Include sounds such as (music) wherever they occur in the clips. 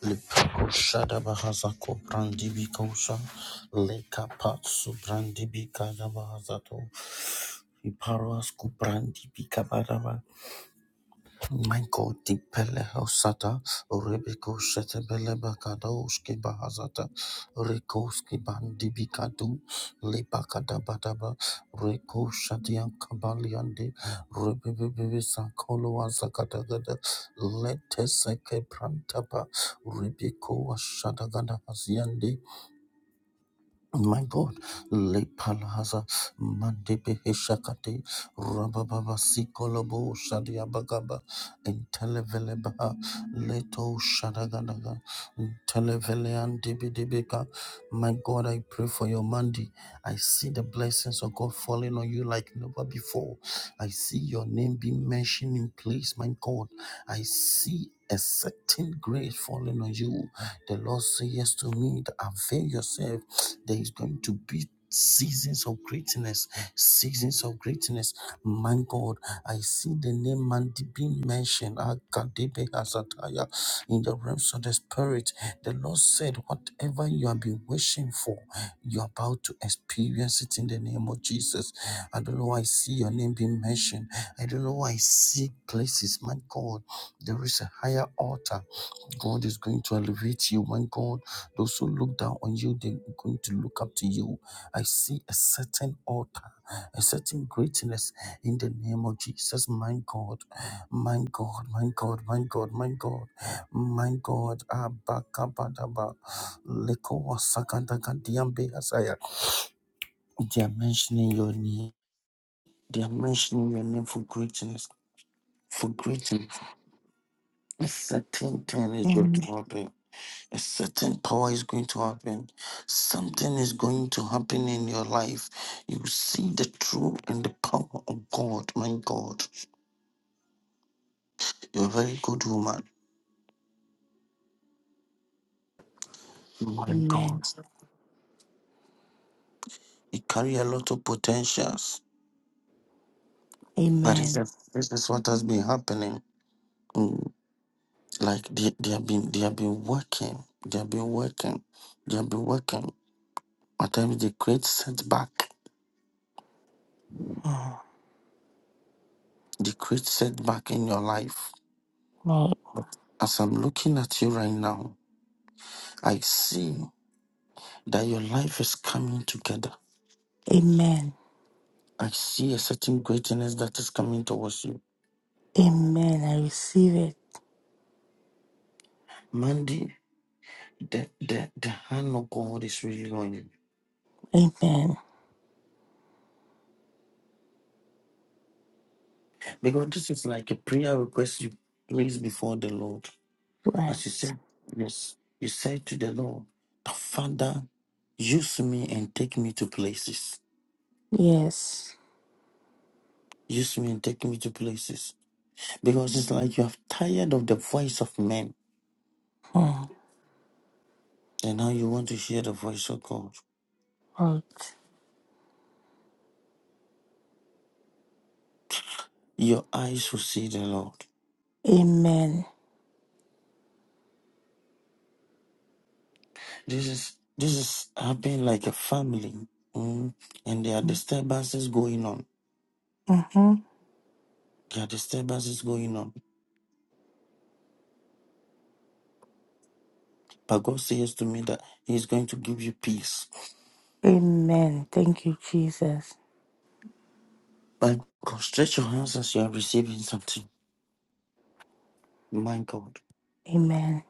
Lipakosha da Bahazako Brandibikosha Leka Patsu Brandibika da Bahazato Iparuasku Brandibika Badaba Michael Dipele Hosata, Rebeko Shetebele Bakadoski Bahazata, Rekoski Bandibikadu, Lebakada Badaba, Reko Shadian Kabaliande, Rebebe Sankolo Azakatagada, Leteseke Prantapa, Rebeko Ashadagada my God, Le Palaza, Mandepe Heshakate, Rabababa Sikolobo, Shadiabagaba, Intelevelebaha, Leto Shadaganaga, Intelevelean Dibidibika. My God, I pray for your Monday. I see the blessings of God falling on you like never before. I see your name being mentioned in place, my God. I see a certain grace falling on you. The Lord says yes to me, that avail yourself there is going to be seasons of greatness, seasons of greatness. My God, I see the name Mandy being mentioned Akadebe Hazataya, in the realms of the spirit. The Lord said, Whatever you have been wishing for, you're about to experience it in the name of Jesus. I don't know why I see your name being mentioned. I don't know why I see places. My God, there is a higher altar God is going to elevate you. My God, those who look down on you, they're going to look up to you. I see a certain altar, a certain greatness in the name of Jesus. My God, my God, my God, my God, my God, my God. Abakabadaba. Lekowa sakadaka asaya. They are mentioning your name. They are mentioning your name for greatness. For greatness. A certain thing is going Amen. to happen. A certain power is going to happen. Something is going to happen in your life. You see the truth and the power of God. My God, you're a very good woman. My Amen. God, you carry a lot of potentials. But it's Amen. this is what has been happening. Mm, Like they, they have been, they have been working. They have been working. They have been working. At times they create setback. Oh, They create setback in your life. Lord. As I'm looking at you right now, I see. that your life is coming together. Amen. I see a certain greatness that is coming towards you. Amen. I receive it. Mandy, the, the, the hand of God is really on you. Amen. Because this is like a prayer request you place before the Lord. Right. As you said, yes, you said to the Lord, Father, use me and take me to places. Yes. Use me and take me to places. Because it's like you have tired of the voice of men. Oh, And now you want to hear the voice of God. Lord. Your eyes will see the Lord. Amen. This is this is happening like a family, mm, and there are disturbances going on. Mm-hmm. There are disturbances going on. But God says to me that He is going to give you peace. Amen. Thank you, Jesus. But God, stretch your hands as you are receiving something. My God, Amen.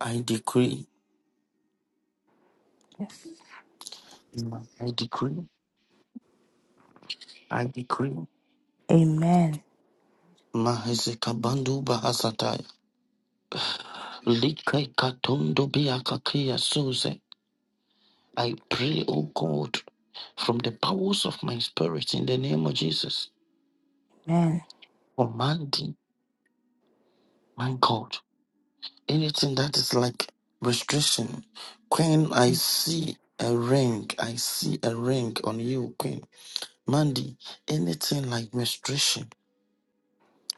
I decree, Yes. I decree, I decree. Amen. Mahezekabandu bahasataya. Likai katondo biakakia suze. I pray, O God, from the powers of my spirit in the name of Jesus. Amen. commanding. My God. Anything that is like restriction. Queen, I see a ring. I see a ring on you, Queen. Mandy, anything like restriction.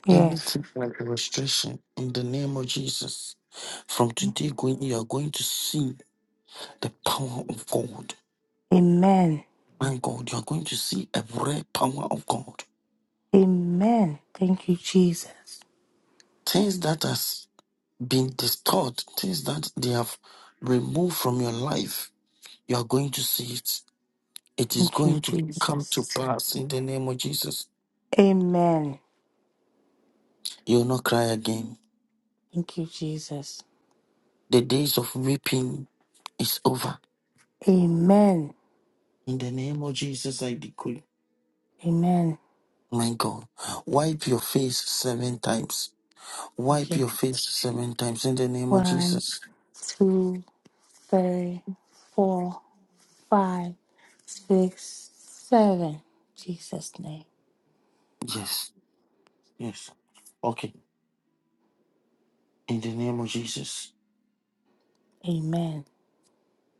Yes. Anything like restriction in the name of Jesus. From today going, you are going to see the power of God. Amen. My God, you are going to see a great power of God. Amen. Thank you, Jesus. Things that has been disturbed, things that they have removed from your life, you are going to see it It is Thank you, going to come Jesus. to pass in the name of Jesus. Amen. You will not cry again. Thank you, Jesus. The days of weeping is over. Amen. In the name of Jesus, I decree. Amen. My God, wipe your face seven times. Wipe Okay. your face seven times in the name of One, Jesus. two, three, four, five, six, seven. Jesus' name. Yes, yes. Okay, in the name of Jesus. Amen.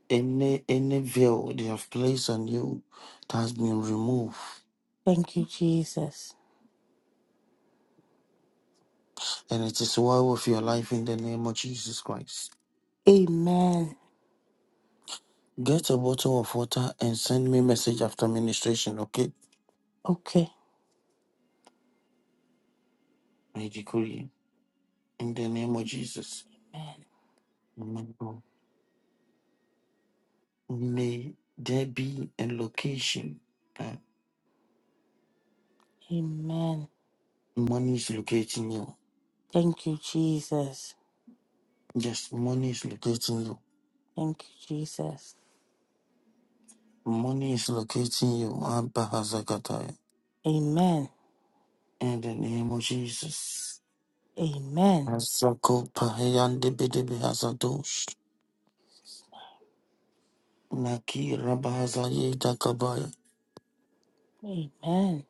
Any any veil they have placed on you that has been removed, Thank you, Jesus. and it is well with your life in the name of Jesus Christ. Amen. Get a bottle of water and send me message after ministration, okay? Okay. I decree in the name of Jesus. Amen. Amen. May there be a location that Amen. money is locating you. Thank you, Jesus. Yes, money is locating you. Thank you, Jesus. Money is locating you. Abba Hazakataya. Amen. In the name of Jesus. Amen. Hazako pahayande bedebe hazadosh. Naki rabahazaye dakabaya. Amen.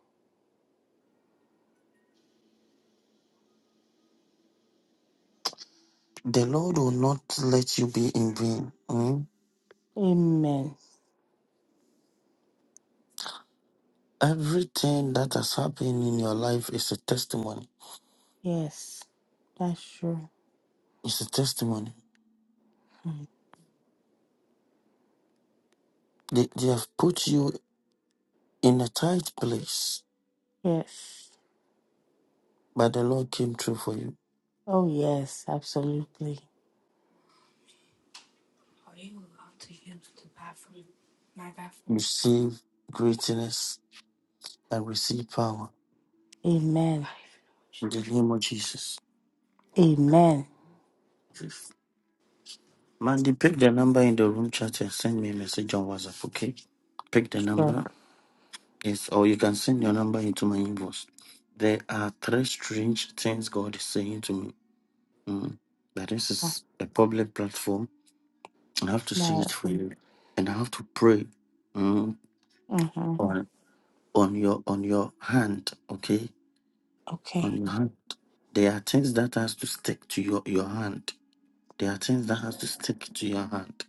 The Lord will not let you be in vain. Hmm? Amen. Everything that has happened in your life is a testimony. Yes. That's true. It's a testimony. Mm. They, they have put you in a tight place, Yes. but the Lord came through for you. Oh, yes. Absolutely. Receive greatness and receive power Amen. in the name of Jesus. Amen. Mandy, pick the number in the room chat and send me a message on WhatsApp, okay? Pick the Sure. number, yes, or you can send your number into my inbox. There are three strange things God is saying to me. Mm. But this Oh, is a public platform I have to sing My, it for you, and I have to pray mm, mm-hmm. on on your on your hand. Okay, Okay. on your hand. There are things that has to stick to your your hand. There are things that has to stick to your hand.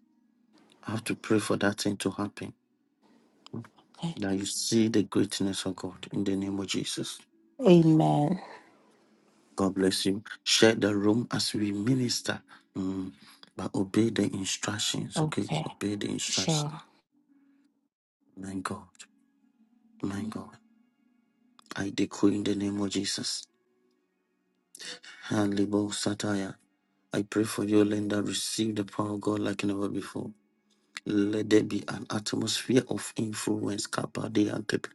I have to pray for that thing to happen. okay. That you see the greatness of God in the name of Jesus. Amen. God bless you. Share the room as we minister. mm, but obey the instructions, okay? Okay. Obey the Sure. instructions. My God, my God. I decree in the name of Jesus Halibo Sataya. I pray for you, Linda. Receive the power of God like never before. Let there be an atmosphere of influence. Kappa de Antep.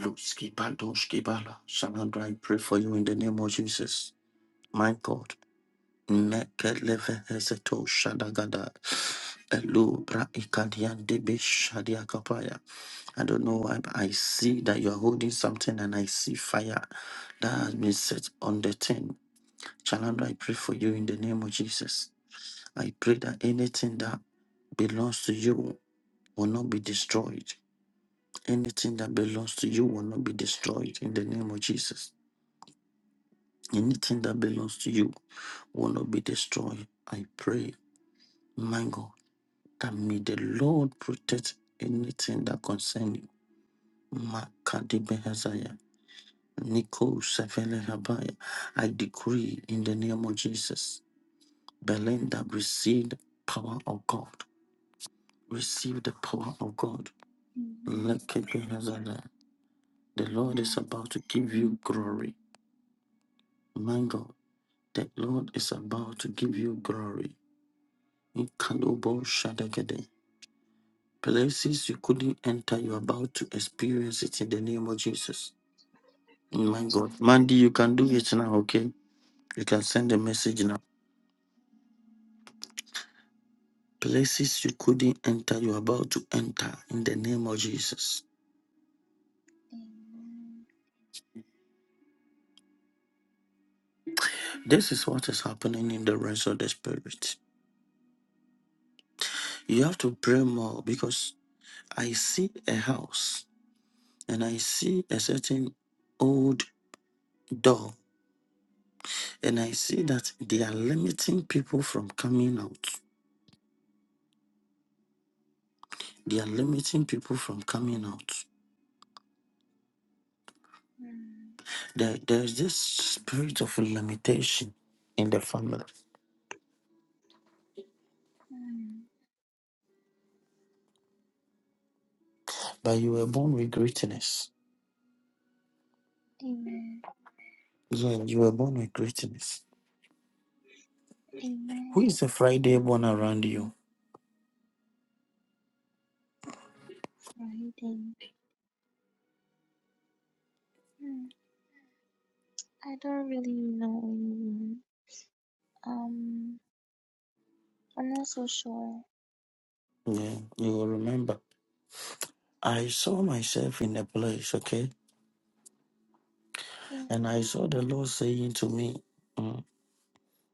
Luski Bandoski Bala. Sandra, I pray for you in the name of Jesus. My God. Neke leve hezeto shadagada. Elu bra ikadian debe shadia kapaya. I don't know why, but I see that you're holding something and I see fire that has been set on the tin. Child, I pray for you in the name of Jesus. I pray that anything that belongs to you will not be destroyed. Anything that belongs to you will not be destroyed in the name of Jesus. Anything that belongs to you will not be destroyed. I pray, my God, that may the Lord protect anything that concerns you. Makadibehazaya, Niko Sefelehabaya. I decree in the name of Jesus, Belinda received power of God. Receive the power of God. Amen. Lekebehazada. The Lord is Amen. about to give you glory. My God, the Lord is about to give you glory. Ikalobo shadagede. Places you couldn't enter, you're about to experience it in the name of Jesus. My God. Mandy, Amen. you can do it now, okay? You can send a message now. Places you couldn't enter, you're about to enter in the name of Jesus. Amen. This is what is happening in the rest of the spirit. You have to pray more because I see a house and I see a certain old door and I see that they are limiting people from coming out. They are limiting people from coming out. Mm, There, there's this spirit of limitation in the family. mm, But you were born with greatness. Amen. Yeah, you were born with greatness. Who Amen. is the Friday born around you? Friday. Mm, I don't really know anyone. Um, I'm not so sure. Yeah, you will remember. I saw myself in a place, okay? Yeah. And I saw the Lord saying to me, "Mm,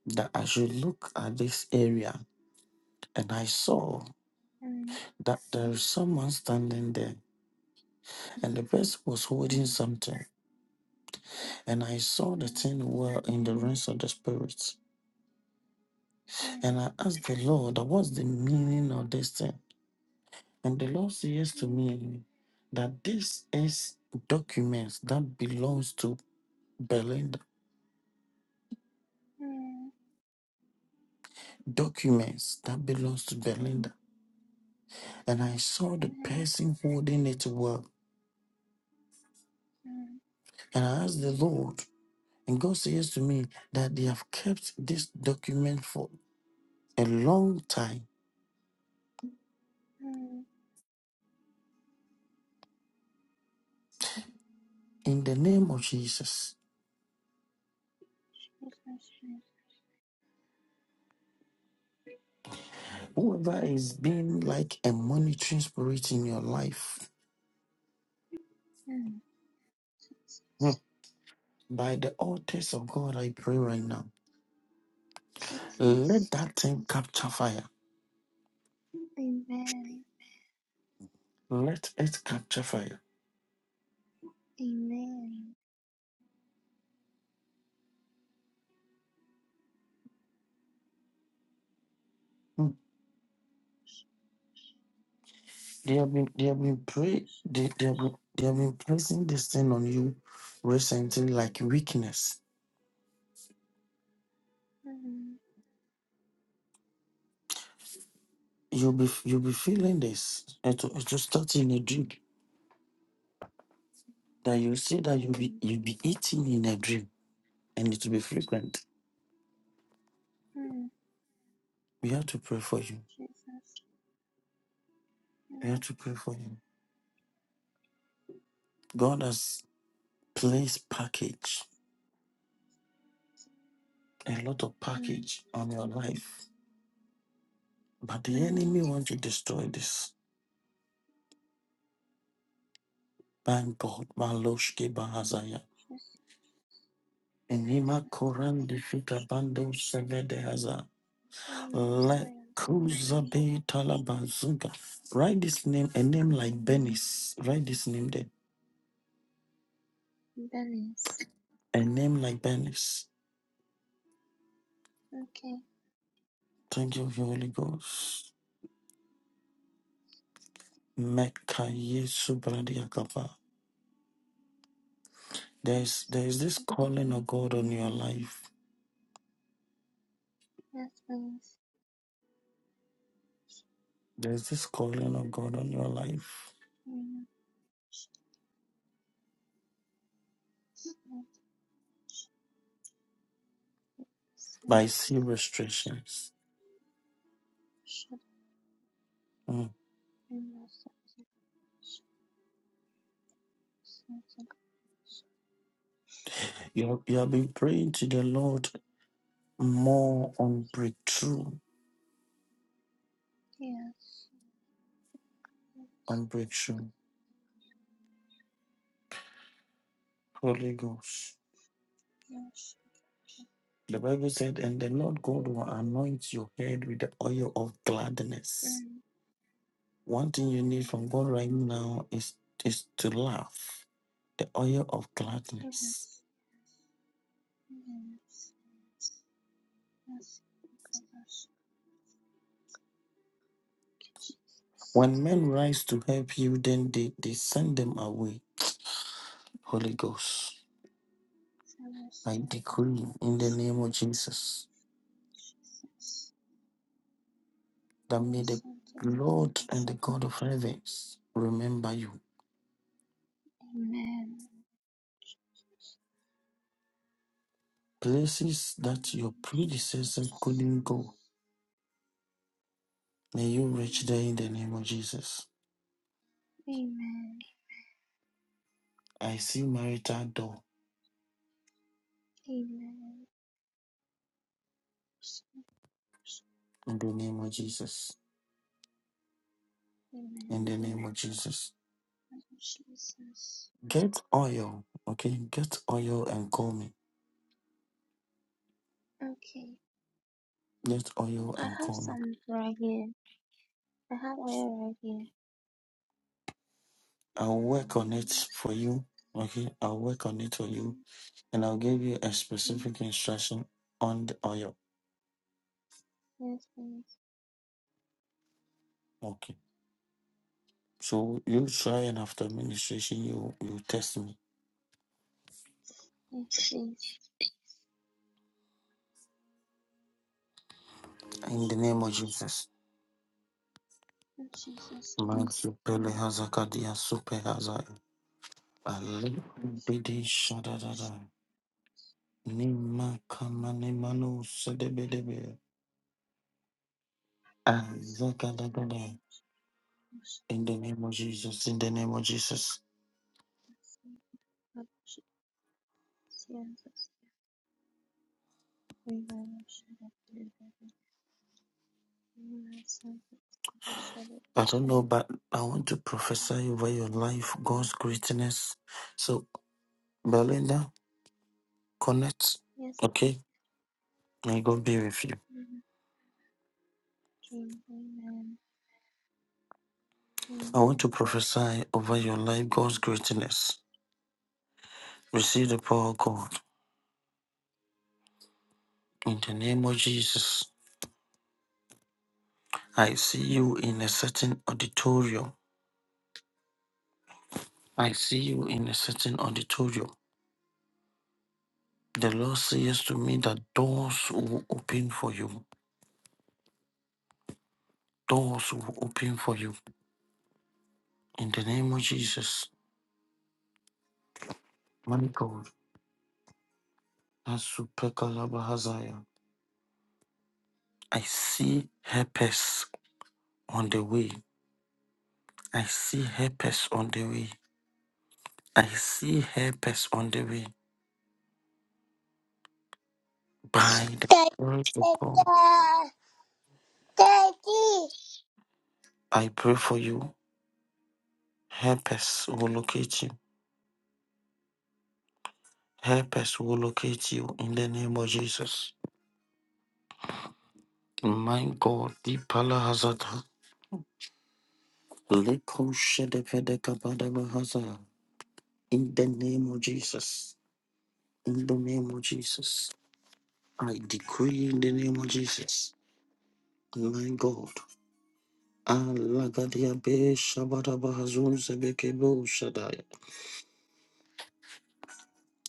that I should look at this area. And I saw Mm, that there is someone standing there, and the person was holding mm, something. And I saw the mm, thing well in the realms of the spirits. And mm, I asked the Lord, What's the meaning of this thing? And the Lord says to me that this is documents that belongs to Belinda. mm, Documents that belongs to Belinda. And I saw the mm, person holding it well. mm, And I asked the Lord, And God says to me that they have kept this document for a long time mm, mm. in the name of Jesus. Jesus. name. Whoever is being like a monitoring spirit in your life, Mm, hmm, Jesus. by the altars of God, I pray right now, let Jesus. that thing capture fire. Amen. Let it capture fire. Amen. Hmm, They have been, they have been pray, Jesus. they, they have been, they have been placing this thing on you recently like weakness. Mm, You'll be, you'll be feeling this. It will, it will start in a dream that you see that you be mm, you be eating in a dream and it will be frequent. mm. We have to pray for you. Jesus, We have mm, to pray for you. God has placed package, a lot of mm, package on your life. But the Amen. enemy wants to destroy this. Mm, Thank God. Maloshke Bahazaya. Jesus, Enima Santo Koran Defika Bando Sevedehaza. Let Kuzabe Talabazuka. Write this name, a name like Benis. Write this name there. Dennis. A name like Benis. Okay, Thank you, Holy Ghost. Mekaye subradiakapa. There's there is this calling of God on your life. yes, please. There's this calling of God on your life. Mm, But I see restrictions. Mm. You have, you have been praying to the Lord more on breakthrough, yes. Yes, on breakthrough. Holy Ghost. yes, The Bible said, and the Lord God will anoint your head with the oil of gladness. mm, One thing you need from God right now is is to laugh the oil of gladness. Yes, yes, yes, Jesus, When men rise to help you, then they, they send them away. Holy Ghost, I decree in the name of Jesus Jesus. that Your may the Son to take my Lord and place. the God of heavens remember you. Amen. Jesus, Places that your predecessors Jesus. couldn't go, may you reach Amen. there in the name of Jesus. Amen. I see marital door Amen. in the name of Jesus. In the name of Jesus. Jesus. Get oil, okay? Get oil and call me. Okay, Get oil I and have call me. some right here. I have oil right here. I'll work on it Yes, for you. Okay, I'll work on it for you, and I'll give you a mm, specific instruction on the oil. yes, please. Okay. So you try and after administration, you you test me Yes, please. in the name of Jesus. In Jesus' Man name. supele hazakadia super hazai. Yes, Alibidi yes, shadadada. Nima kama nemano sedebedebe. yes. Yes, yes, Azakadagada. In the name of Jesus. In the name of Jesus. yes. Yes, yes, yes. River-watered delivered similar sons of watered I don't know, but I want to prophesy over your life, God's greatness. So, Belinda, connect. kings as before Okay? May God be with you. the king. Amen. I want Amen. to prophesy over your life, God's greatness. Receive the power of God. In the name of Jesus, I see you in a certain auditorium. I see you in a certain auditorium. The Lord says to me that doors will open for you. Doors will open for you. In the name of Jesus. Asupekalabahazaya. I see helpers on the way. I see helpers on the way. I see helpers on the way. By the Daddy. word of God, I pray for you. Helpers will locate you. Helpers will locate you in the name of Jesus. My God, Dipala Hazata. Leko Shedepedekabadabahazaya. In the name of Jesus. In the name of Jesus. I decree in the name of Jesus. My God. Alagadiabe Shabadabahazun Zebekebo Shaddai.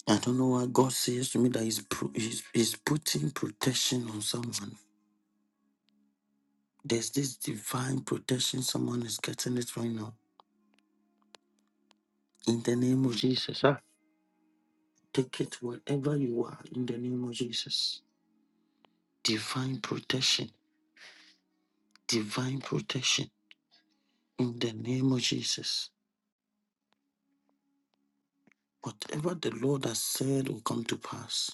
I don't know why God says to me that he's, pro- he's, he's putting protection on someone. There's this divine protection. Someone is getting it right now. In the name of Jesus. ah, Take it wherever you are. In the name of Jesus. Divine protection. Divine protection. In the name of Jesus. Whatever the Lord has said will come to pass.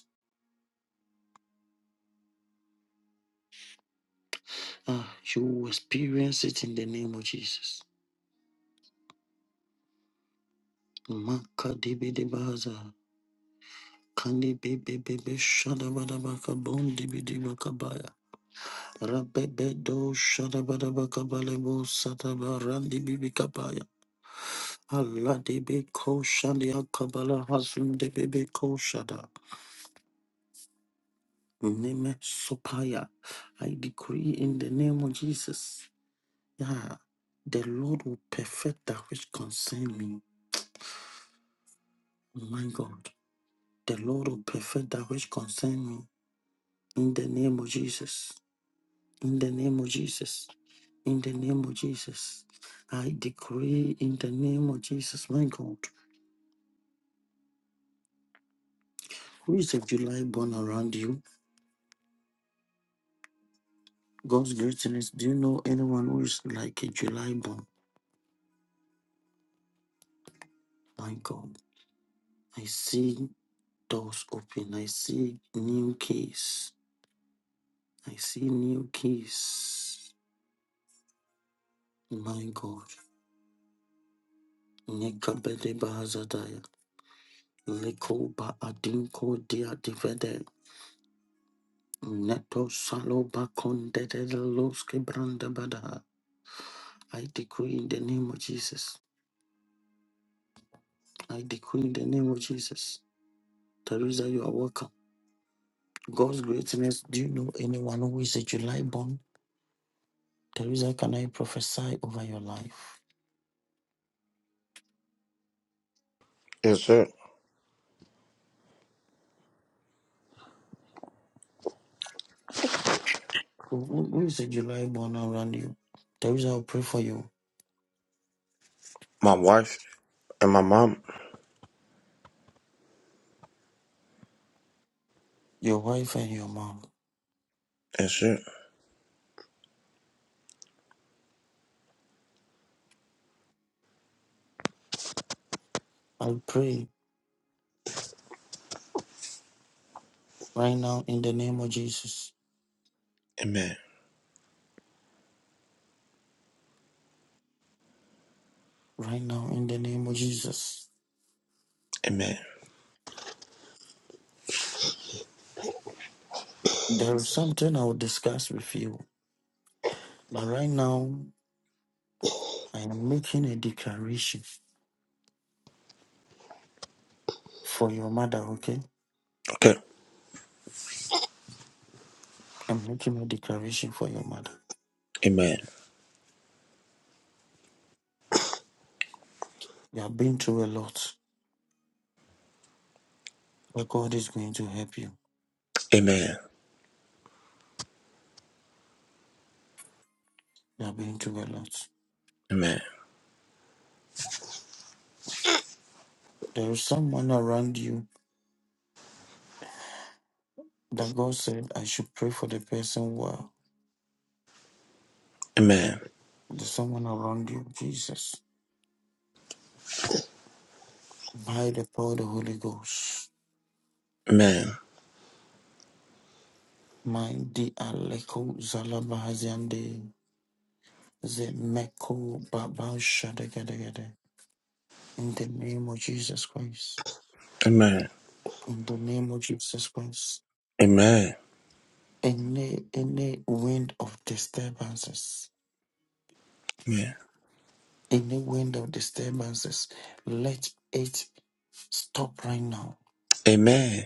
Ah, you will experience it in the name of Jesus. Maka dibi di baza. Kandi bebe bebe shadabadabaka bon dibi di bakabaya. Rabebe do shadabadabaka balebo sataba randi bibi kabaya. Allah dibi ko shandi akabala hasum de bebe ko shada. Neme sopaya. I decree in the name of Jesus. Yeah. The Lord will perfect that which concern me. My God. The Lord will perfect that which concern me in the name of Jesus. In the name of Jesus. In the name of Jesus. I decree in the name of Jesus, my God. Who is a July born around you? God's greatness. Do you know anyone who is like a July born? My God. I see doors open. I see new keys. I see new keys. My God. Nekabedebahazadaya. Likoba adinko dia divede. Neto saloba condede loske branda bada. I decree in the name of Jesus. I decree in the name of Jesus. Teresa, you are welcome. God's greatness. Do you know anyone who is a July born? Teresa, can I prophesy over your life? Yes, sir. Who who- who is a July born around you? Teresa, I'll pray for you, My wife and my mom. your wife, and your mom. Yes, sir. I pray right now in the name of Jesus. Amen. Right now in the name of Jesus. Amen. There is something I will discuss with you. But right now, I am making a declaration for your mother, okay? Okay. I'm making a declaration for your mother. Amen. You have been through a lot, but God is going to help you. Amen. You have been through a lot. Amen. There is someone around you that God said, I should pray for the person well. Amen. There's someone around you, Jesus. By the power of the Holy Ghost. Amen. My di aleko zalabahaziande zemeko babao shadegedegede. In the name of Jesus Christ. Amen. In the name of Jesus Christ. Amen. Any any wind of disturbances. Amen. Any wind of disturbances. Let it stop right now. Amen.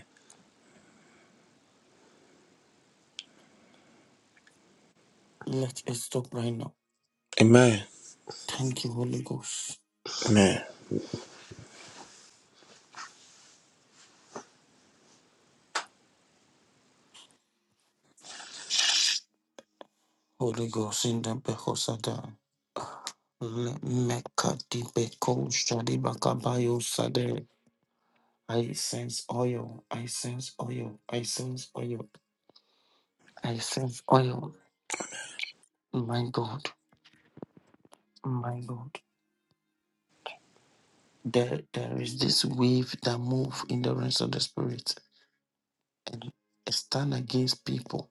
Let it stop right now. Amen. Thank you, Holy Ghost. Amen. Holy Ghost in the Behosada. meka di Beko Shadi Bakabayo Sade. I sense oil. I sense oil. I sense oil. I sense oil. My God, my God. There, there is this wave that move in the realms of the spirit. I Stand against people.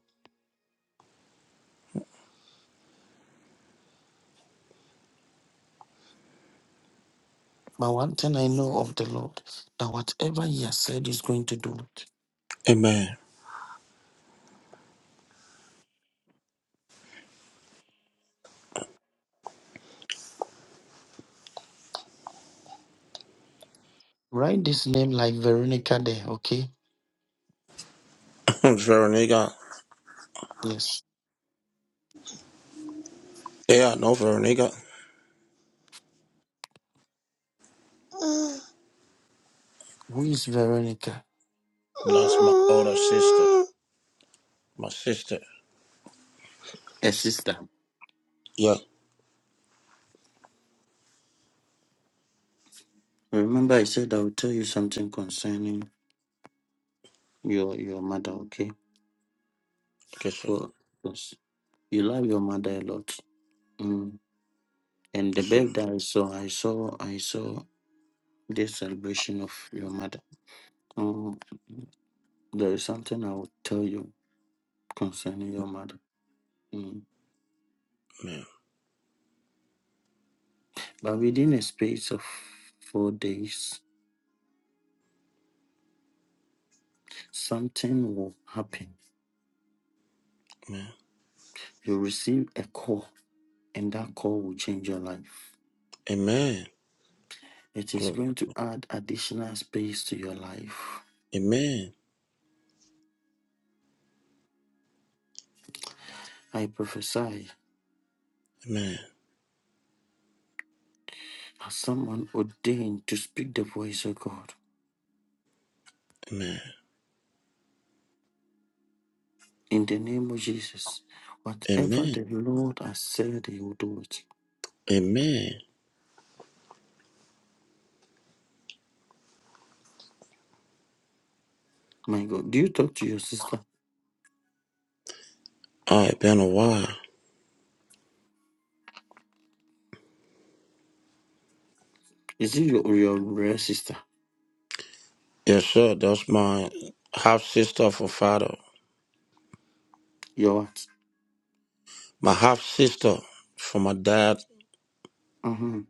But one thing I know of the Lord, that whatever He has said is going to do it. Amen. Write this name like Veronica there, okay? (laughs) Veronica. Yes. Yeah, no, know Veronica. Who is Veronica? That's my older sister. My sister. A sister. Yeah. Remember, I said I will tell you something concerning your your mother, okay? Yes, sir. For because you love your mother a lot. Mm. And the Yes, sir. babe that I saw, I saw, I saw. this celebration of your mother. Um, there is something I will tell you concerning your mother. Mm. Amen. But within a space of four days, something will happen. Amen. You receive a call, and that call will change your life. Amen. It is Glory. going to add additional space to your life. Amen. I prophesy Amen. as someone ordained to speak the voice of God. Amen. In the name of Jesus, Amen. whatever the Lord has said, He will do it. Amen. My God, do you talk to your sister? Oh, it been a while. Is it your your rare sister? Yes, sir. That's my half sister from father. Your what? My half sister from my dad. Uh-huh.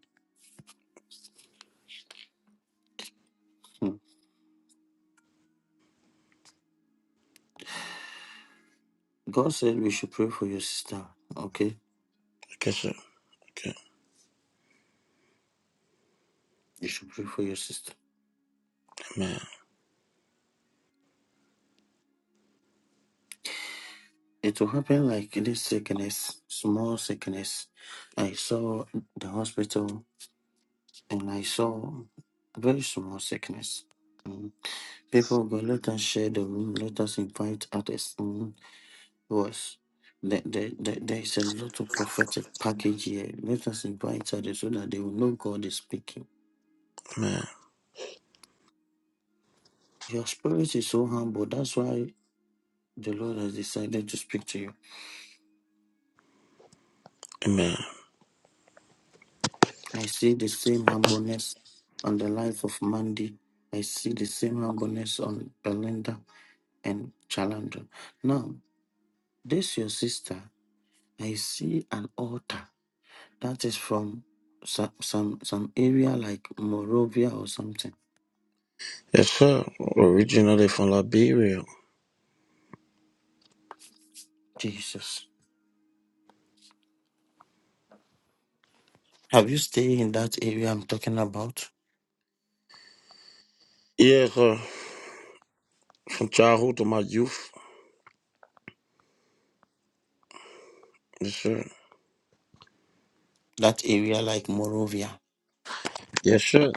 Hmm. God said we should pray for your sister. Okay, Okay, sir. Okay. you should pray for your sister. Amen. It will happen like this sickness, small sickness. I saw the hospital, and I saw very small sickness. Mm. People of God, let us share the room. Let us invite others. Hmm. was there, there, there, there is a lot of prophetic package here. Let us invite others so that they will know God is speaking. Amen. Your spirit is so humble. That's why the Lord has decided to speak to you. Amen. I see the same humbleness on the life of Mandy. I see the same humbleness on Belinda and Chalandra. Now, this your sister. I see an altar that is from some some, some area like Morovia or something. Yes, sir. Originally from Liberia. Jesus. Have you stayed in that area I'm talking about? Yes, sir. From childhood to my youth. Yes, sir. That area like Morovia. Yes, sir.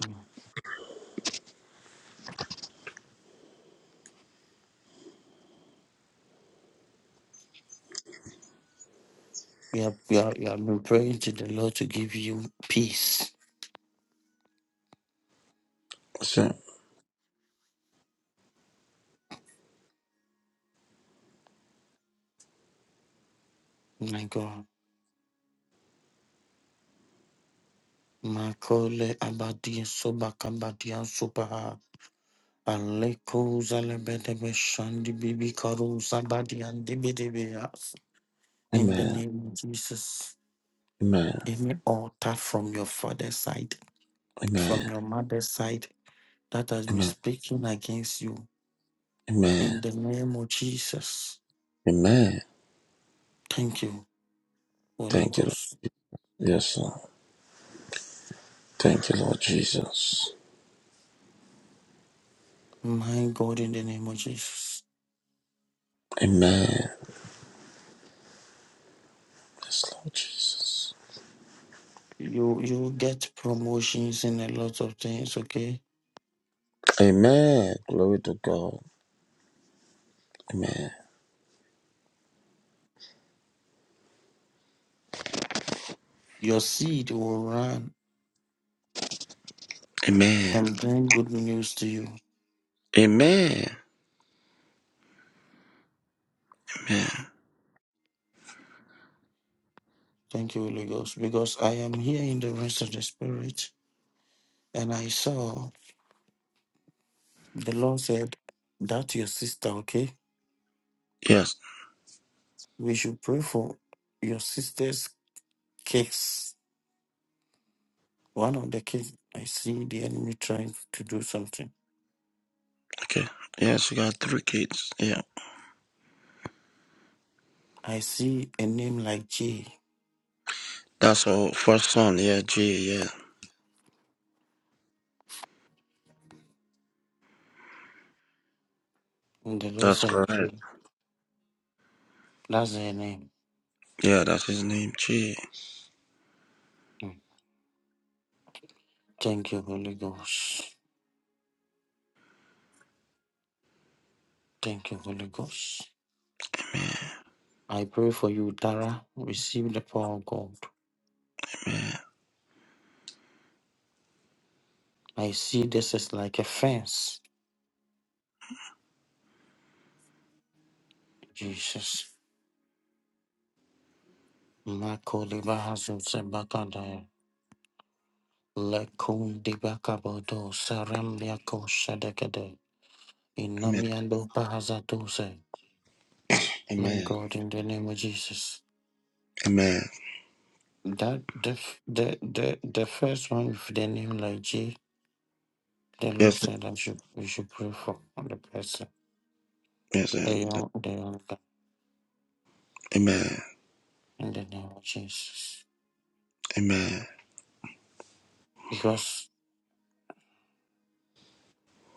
Mm. You have, you, have, you have been praying to the Lord to give you peace. Yes, sir. My God. Makole abadi soba kabadian soba aleko zalebedebe shandi bibi karu zabadi and In the Amen. name of Jesus, Amen. any altar from your father's side, Amen. from your mother's side, that has been Amen. speaking against you, in Amen. the name of Jesus. Amen. Thank you, Holy Thank you. Lord. Ghost. Yes, sir. Thank you, Lord Jesus. My God, in the name of Jesus. Amen. Yes, Lord Jesus. You you get promotions in a lot of things, okay? Amen. Glory to God. Amen. Your seed will run Amen. and bring good news to you. Amen. Amen. Thank you, Holy Ghost. Because I am here in the rest of the spirit and I saw the Lord said that your sister, okay? Yes. We should pray for your sister's case. One of the kids I see the enemy trying to do something. Okay. Yeah, she got three kids. Yeah. I see a name like J. That's her first son. Yeah, G. Yeah. In the Lord That's I pray. correct. That's the name. Yeah, that's his name, G. Mm. Thank you, Holy Ghost. Thank you, Holy Ghost. I pray for you, Dara. Receive the power of God. I see this is like a fence. Jesus. Mako deba hazu sebakada. Lekun deba kabodo. Sarambia ko shadekade. Amen. Inamiando pahazatose. My Amen. God, in the name of Jesus. Amen. That the, f- the the the first one with the name like Jesus. The Lord Yes. said that you, we should pray for the person, Yes. and- the young, the young guy, Amen. in the name of Jesus. Amen. Because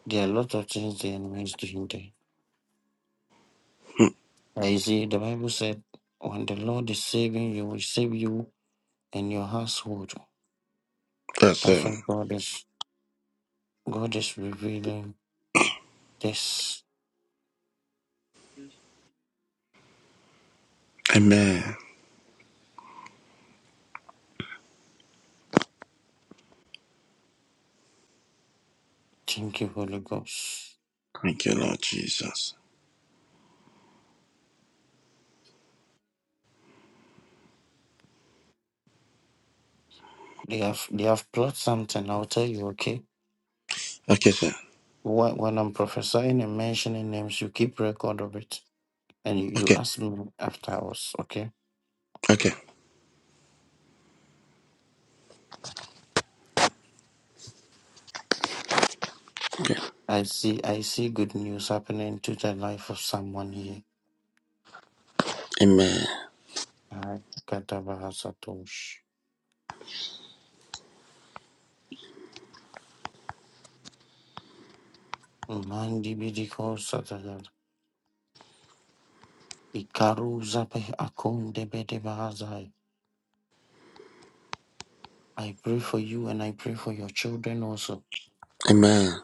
there are a lot of things the enemy is doing there. Hmm. Now, you see, the Bible said, when the Lord is saving you, will save you and your household. Yes, That's sir. why God is, God is revealing this. Amen. Thank you, Holy Ghost. Thank you, Lord Jesus. They have, they have plot something. I'll tell you, okay? Okay, sir. Wh- When I'm prophesying and mentioning names, you keep record of it and you, you Okay. asked me after I okay. Okay. Okay. I see I see good news happening to the life of someone here. Amen. Ay, katabahasatosh. Mandi bidikosatagad. Ikaruzape akondebedebahazai. I pray for you and I pray for your children also. Amen.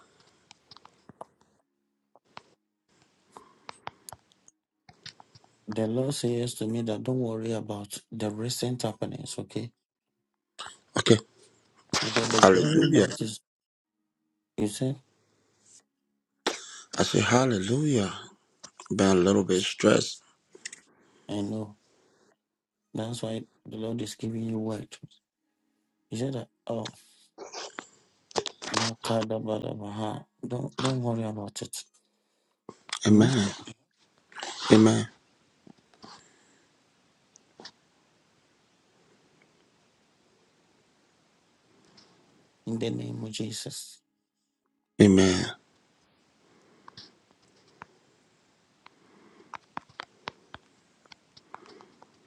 The Lord says to me that don't worry about the recent happenings, okay? Okay. Because the glory Hallelujah. that is, you said, I say hallelujah. by a little bit stress. I know. That's why the Lord is giving you word. He said that, oh. Makadabadabaha. Don't don't worry about it. Hmm? Amen. Amen. In the name of Jesus. Amen.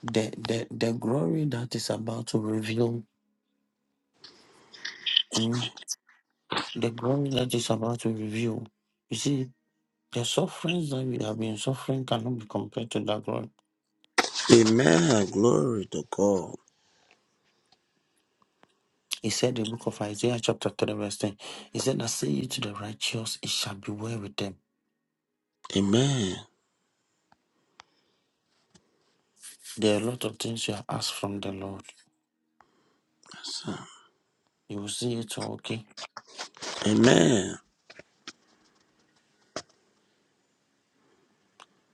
The the the glory that is about to reveal. hmm, The glory that is about to reveal. You see, the sufferings that we have been suffering cannot be compared to that glory. Amen. Glory to God. He said in the book of Isaiah chapter 3 verse 10. He said, I say it to the righteous, it shall be well with them. Amen. There are a lot of things you have asked from the Lord. Yes, sir. You will see it all, okay? Amen.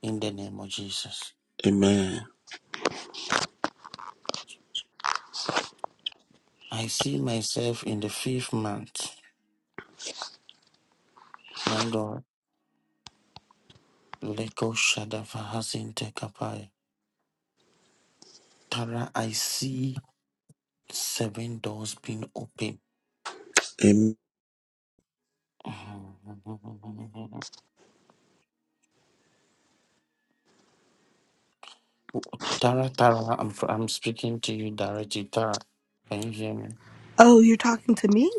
In the name of Jesus. Amen. I see myself in the fifth month. My God, Leko Shadavahasinte Kapaya. Tara, I see seven doors being open. Amen. (laughs) Tara, Tara, I'm, I'm speaking to you directly. Tara, can you hear me? Oh, you're talking to me?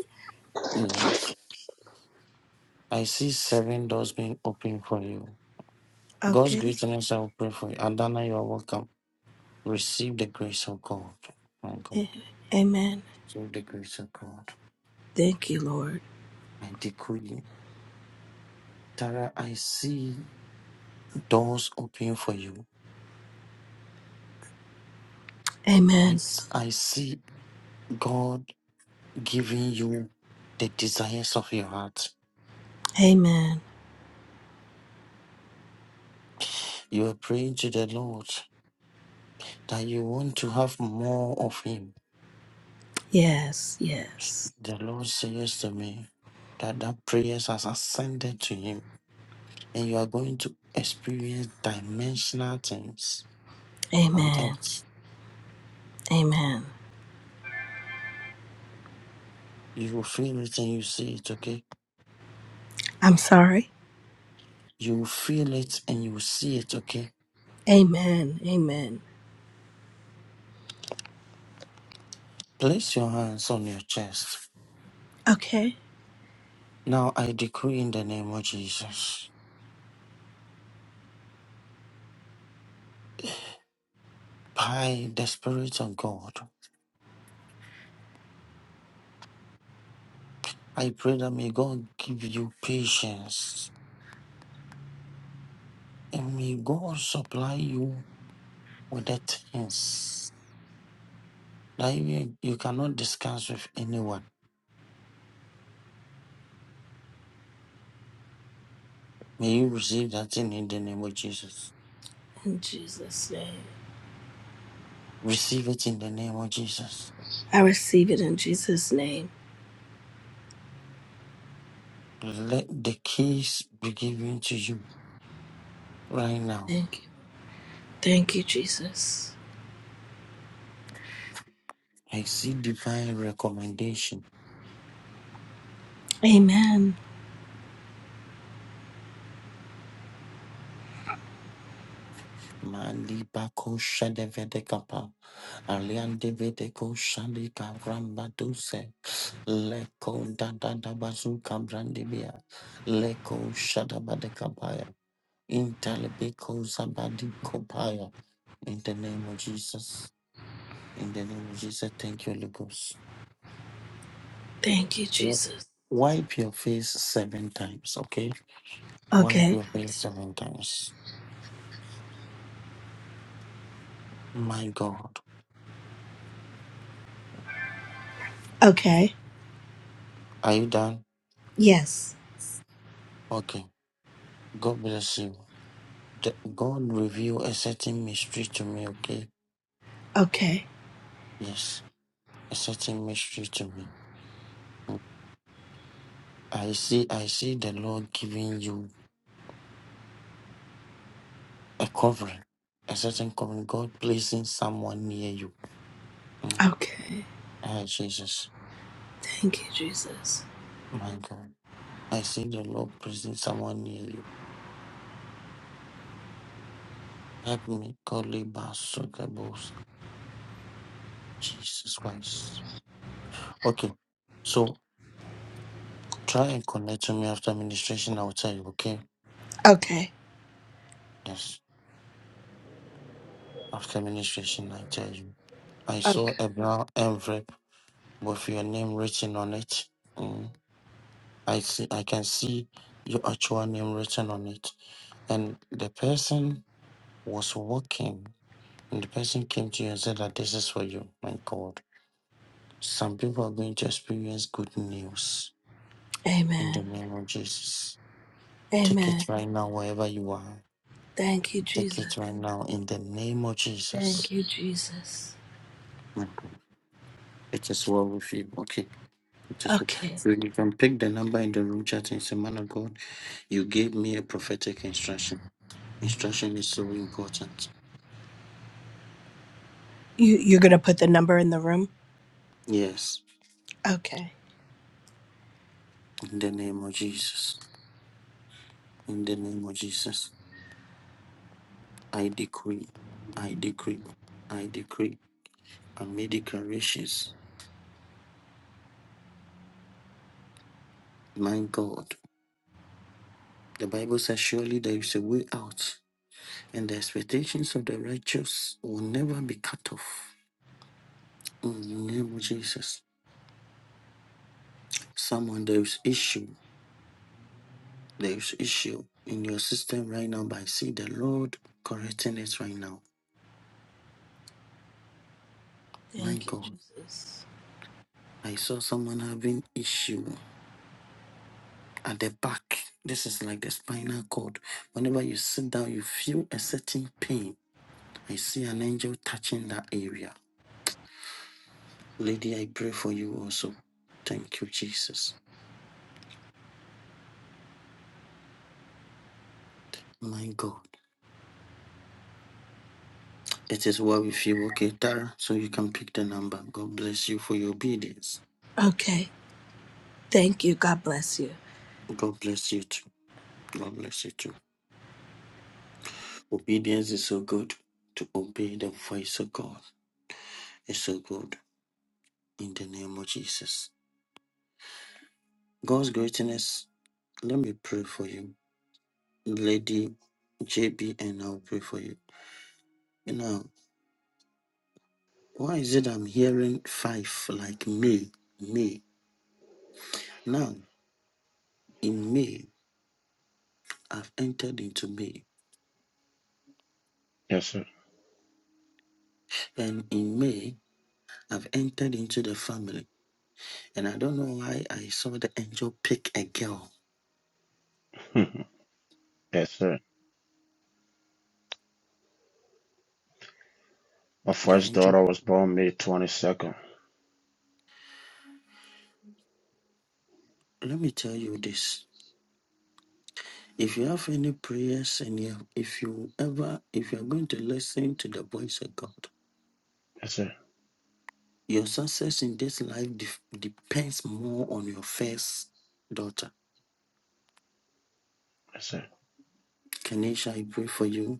Yes. I see seven doors being open for you. God's Okay. greatness, I will pray for you. Adana, you are welcome. Receive the grace of God. My Yeah. God, Amen. receive the grace of God. Thank you, Lord. I decree. Tara, I see doors open for you. I, Amen. s- I see God giving you the desires of your heart. Amen. You are praying to the Lord that you want to have more of Him. Yes, yes. The Lord says to me that that prayer has ascended to Him, and you are going to experience dimensional things on Amen. earth. Amen. You will feel it and you see it, okay? I'm sorry. You will feel it and you will see it, okay? Amen. Amen. Place your hands on your chest. Okay. Now I decree in the name of Jesus. by the Spirit of God. I pray that may God give you patience and may God supply you with the things that you, you cannot discuss with anyone. May you receive that thing in the name of Jesus. In Jesus' name. Receive it in the name of Jesus. I receive it in Jesus' name. Let the keys be given to you right now. Thank you. Thank you, Jesus. I see divine recommendation. Amen. Mali bako shadevede kapa. Alian devede ko shande kavramba duse. Leko dadada bazuka brandibia. Leko shadabada kabaya. Intalibiko zabadi kopaya. In the name of Jesus. In the name of Jesus. Thank you, Holy Ghost. Thank you, W- Jesus. Wipe your face seven times, okay? Wipe Okay. your face seven times. My God. Okay. Are you done? Yes. Okay. God bless you. The- God reveal a certain mystery to me, okay? Okay. Yes. A certain mystery to me. I see, I see the Lord giving you a covering, a certain covering. God placing someone near you. Mm. Okay. Ah, Jesus, Thank you, Jesus. my God. I see the Lord placing someone near you. Help me, godly basketballs. Jesus Christ. Okay, so try and connect to me after administration. I'll tell you. Okay. Okay. Yes. After administration, I tell you. I saw Okay. a brown envelope with your name written on it. Mm. I see I can see your actual name written on it. And the person was walking and the person came to you and said that this is for you. My God. Some people are going to experience good news in the Amen. name of Jesus. Take Amen. it right now wherever you are. Thank you, Take Jesus. it right now in the name of Thank Jesus. you, Jesus. My God. It is well with you. Okay. It is well. Okay. So you can pick the number in the room chat and say, Man of God, you gave me a prophetic instruction. Instruction is so important You you're gonna put the number in the room? Yes, Okay. in the name of Jesus. In the name of Jesus, I decree, I decree, I decree, and make declarations. My God, the Bible says, surely there is a way out, and the expectations of the righteous will never be cut off. In the name of Jesus, someone there is issue, there is issue in your system right now, but I see the Lord correcting it right now. My Thank you, God, Jesus. I saw someone having issue. at the back. This is like the spinal cord. Whenever you sit down, you feel a certain pain. I see an angel touching that area. Lady, I pray for you also. Thank you, Jesus. My God. It is well with you, okay, Tara? So you can pick the number. God bless you for your obedience. Okay. Thank you. God bless you. God bless you too. God bless you too. Obedience is so good. To obey the voice of God is so good. In the name of Jesus. God's greatness. Let me pray for you. Lady JB, and I'll pray for you. You know, why is it I'm hearing five like May, May? Now, in May, I've entered into May, Yes, sir. (laughs) and in May, I've entered into the family. And I don't know why I saw the angel pick a girl. Mhm. yes, sir. My The first angel, daughter was born May 22nd. let me tell you this. If you have any prayers and you, if you ever, if you're going to listen to the voice of God, Yes, sir. Your success in this life def- depends more on your first daughter. Yes, sir. Kenisha, I pray for you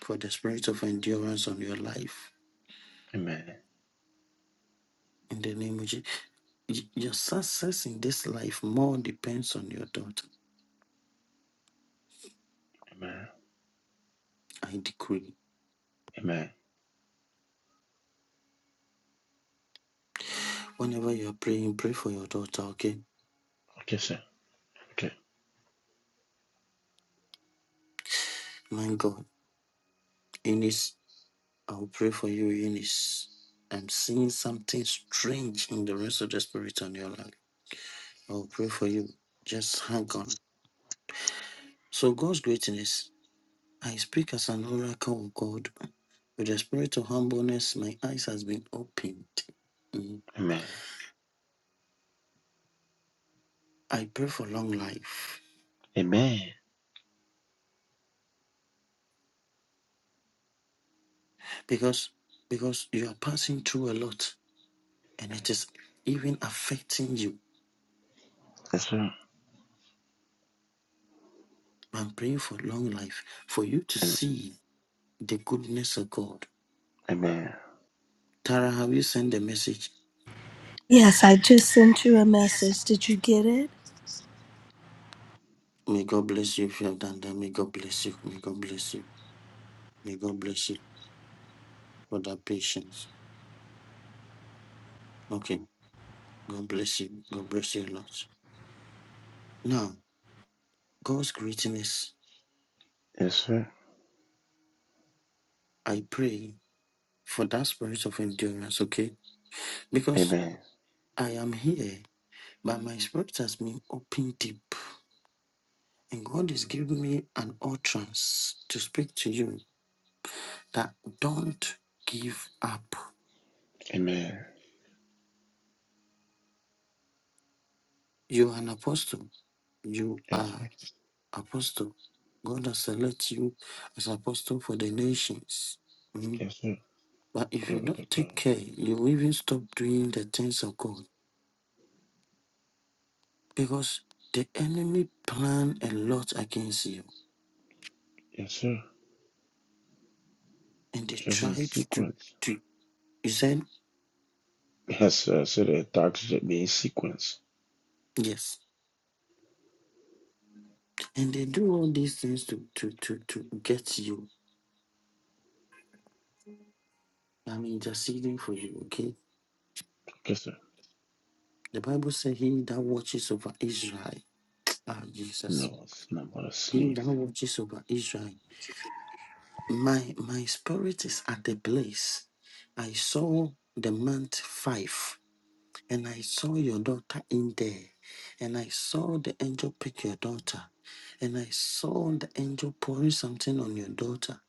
for the spirit of endurance on your life. Amen. In the name of Jesus. Your success in this life more depends on your daughter. Amen. I decree. Amen. Whenever you are praying, pray for your daughter, okay? Okay, sir. Okay. My God, Eunice, I'll pray for you, Eunice. I'm seeing something strange in the rest of the spirit on your life. I'll pray for you. Just hang on. So God's greatness I speak as an oracle of God. With the spirit of humbleness, my eyes has been opened. Mm. Amen. I pray for long life Amen. because because you are passing through a lot and it is even affecting you. Yes, sir. I'm praying for long life for you to Amen. see the goodness of God. Amen. Tara, have you sent the message? Yes, I just sent you a message. Did you get it? May God bless you if you have done that. May God bless you. May God bless you. May God bless you for that patience. Okay. God bless you. God bless you a lot. Now. God's greatness, Yes, sir. I pray for that spirit of endurance, okay? Because Amen. I am here, but my spirit has been open deep, and God is giving me an utterance to speak to you that don't give up. Amen. You are an apostle. You Yes, are sir. apostle. God has selected you as apostle for the nations. Mm. Yes, sir. But if you Glory to don't take God. care, you will even stop doing the things of God because the enemy plan a lot against you Yes, sir. and they Just in try to do sequence. to you said Yes, ser takže be sequence. yes and they do all these things to to to to get you i'm interceding for you okay Yes, the bible says he that watches over israel ah jesus no, it's not gonna he sleep. that watches over israel my my spirit is at the place i saw the month five and I saw your daughter in there, and I saw the angel pick your daughter, and I saw the angel pouring something on your daughter,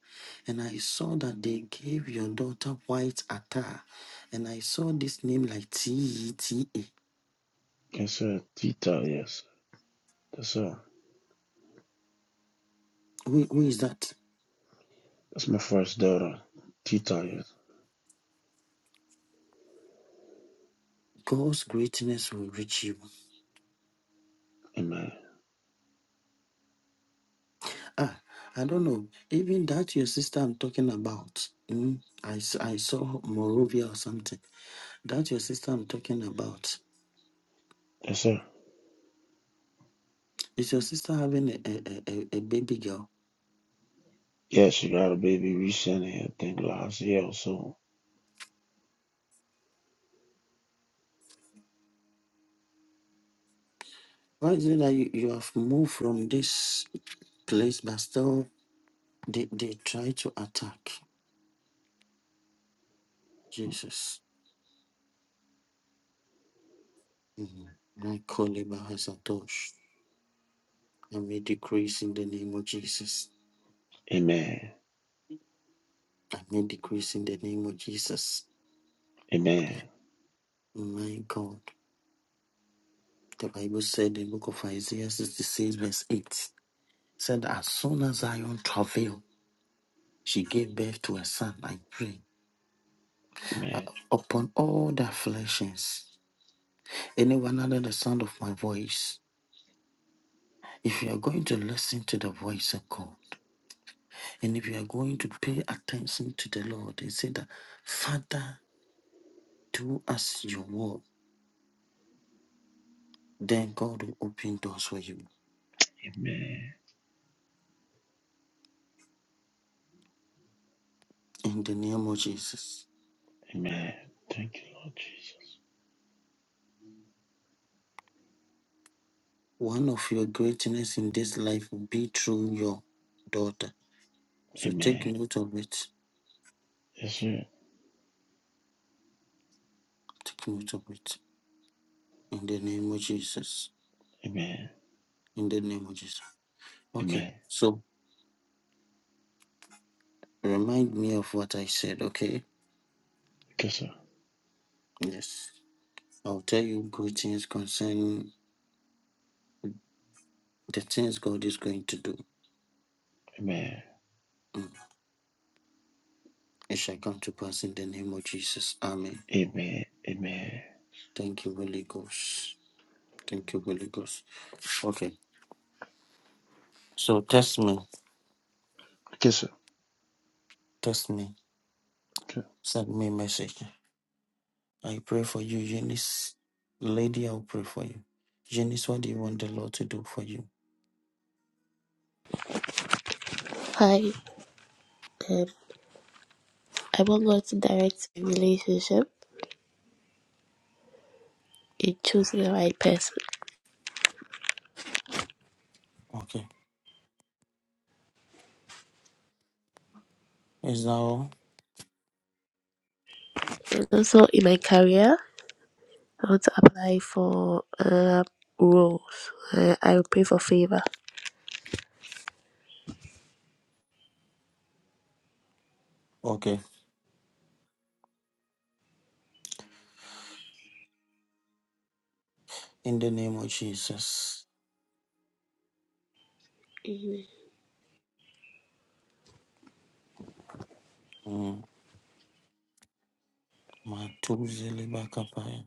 and I saw that they gave your daughter white attire, and I saw this name like T E T A. Yes, Tita, yes. That's uh Who, who is that? that's my first daughter. Tita, yes. God's greatness will reach you. Amen. Ah, I don't know. Even that your sister I'm talking about. mm, I, s- I saw Morovia or something. That your sister I'm talking about. That's her. Is your sister having a, a, a, a a baby girl? Yeah, she got a baby recently, I think last year or so. Why is it that you, you have moved from this place, but still they, they try to attack Jesus? Mhm. I call him by a touch. I may decrease in the name of Jesus. Amen. I may decrease in the name of Jesus. Amen. My God. The Bible said in the book of Isaiah 66, verse 8, said, As soon as Zion travailed, she gave birth to a son. I pray uh, Amen. upon all the afflictions. anyone under the sound of my voice, if you are going to listen to the voice of God, and if you are going to pay attention to the Lord and say that, Father, do us your word, then God will open doors for you. Amen. In the name of Jesus. Amen. Thank you, Lord Jesus. One of your greatness in this life will be through your daughter. So take Amen. note of it. Yes, sir. Take note of it. In the name of Jesus. Amen. In the name of Jesus. Okay. Amen. So remind me of what I said, okay? Kiss her. Yes. I'll tell you good things concerning the things God is going to do. Amen. Mm. It shall come to pass in the name of Jesus. Amen. Amen. Amen. Thank you, Holy Ghost. Thank you, Holy Ghost. Okay. So test me. Kiss her. Test me. Send me a message. I pray for you, Eunice. Lady, I'll pray for you. Eunice, what do you want the Lord to do for you? Hi, um, I want God to direct my relationship in choosing the right person. Okay. Is that all? And also in my career, I want to apply for uh, roles. Uh, I will pray for favor. Okay. In the name of Jesus. Amen. Mm. My two zilly back up. I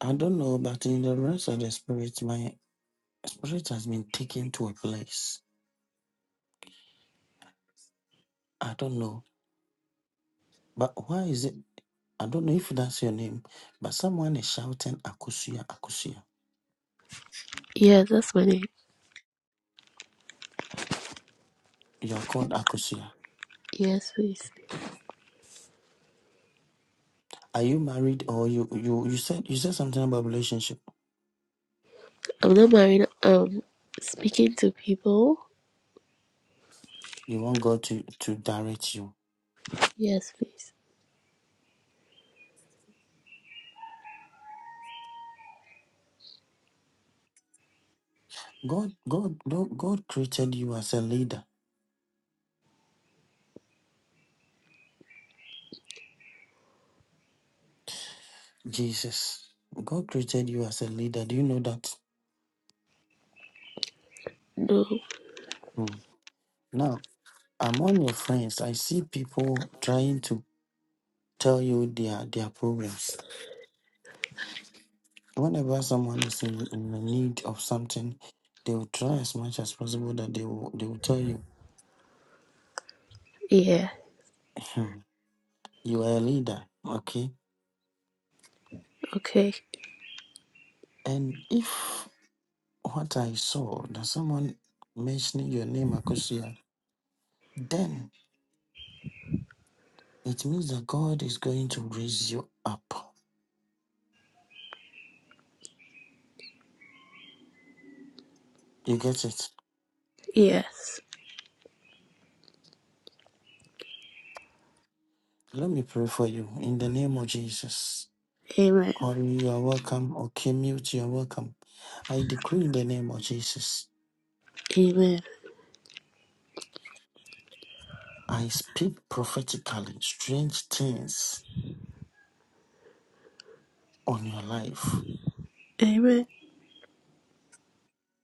I don't know, but in the rest of the spirit, my Spirit has been taken to a place. I don't know. But why is it? I don't know if that's your name, but someone is shouting Akusia, Akusia. Yeah, that's my name. You are called Akusia. Yes, please. Are you married or you, you you said you said something about relationship. I'm not married. Um, speaking to people. You want God to, to direct you. Yes, please. God God God God created you as a leader. Jesus. God created you as a leader. Do you know that? No. Hmm. Now, among your friends, I see people trying to tell you their their problems Whenever someone is in, in the need of something, they will try as much as possible that they will, they will tell you, Yeah. "Hmm, you are a leader, okay? Okay. And if what I saw, that someone mentioning your name, Akosia, then it means that God is going to raise you up. You get it? Yes. Let me pray for you in the name of Jesus. Amen. Corey, you are welcome. Okay, mute, you are welcome. I decree in the name of Jesus. Amen. I speak prophetically strange things on your life. Amen.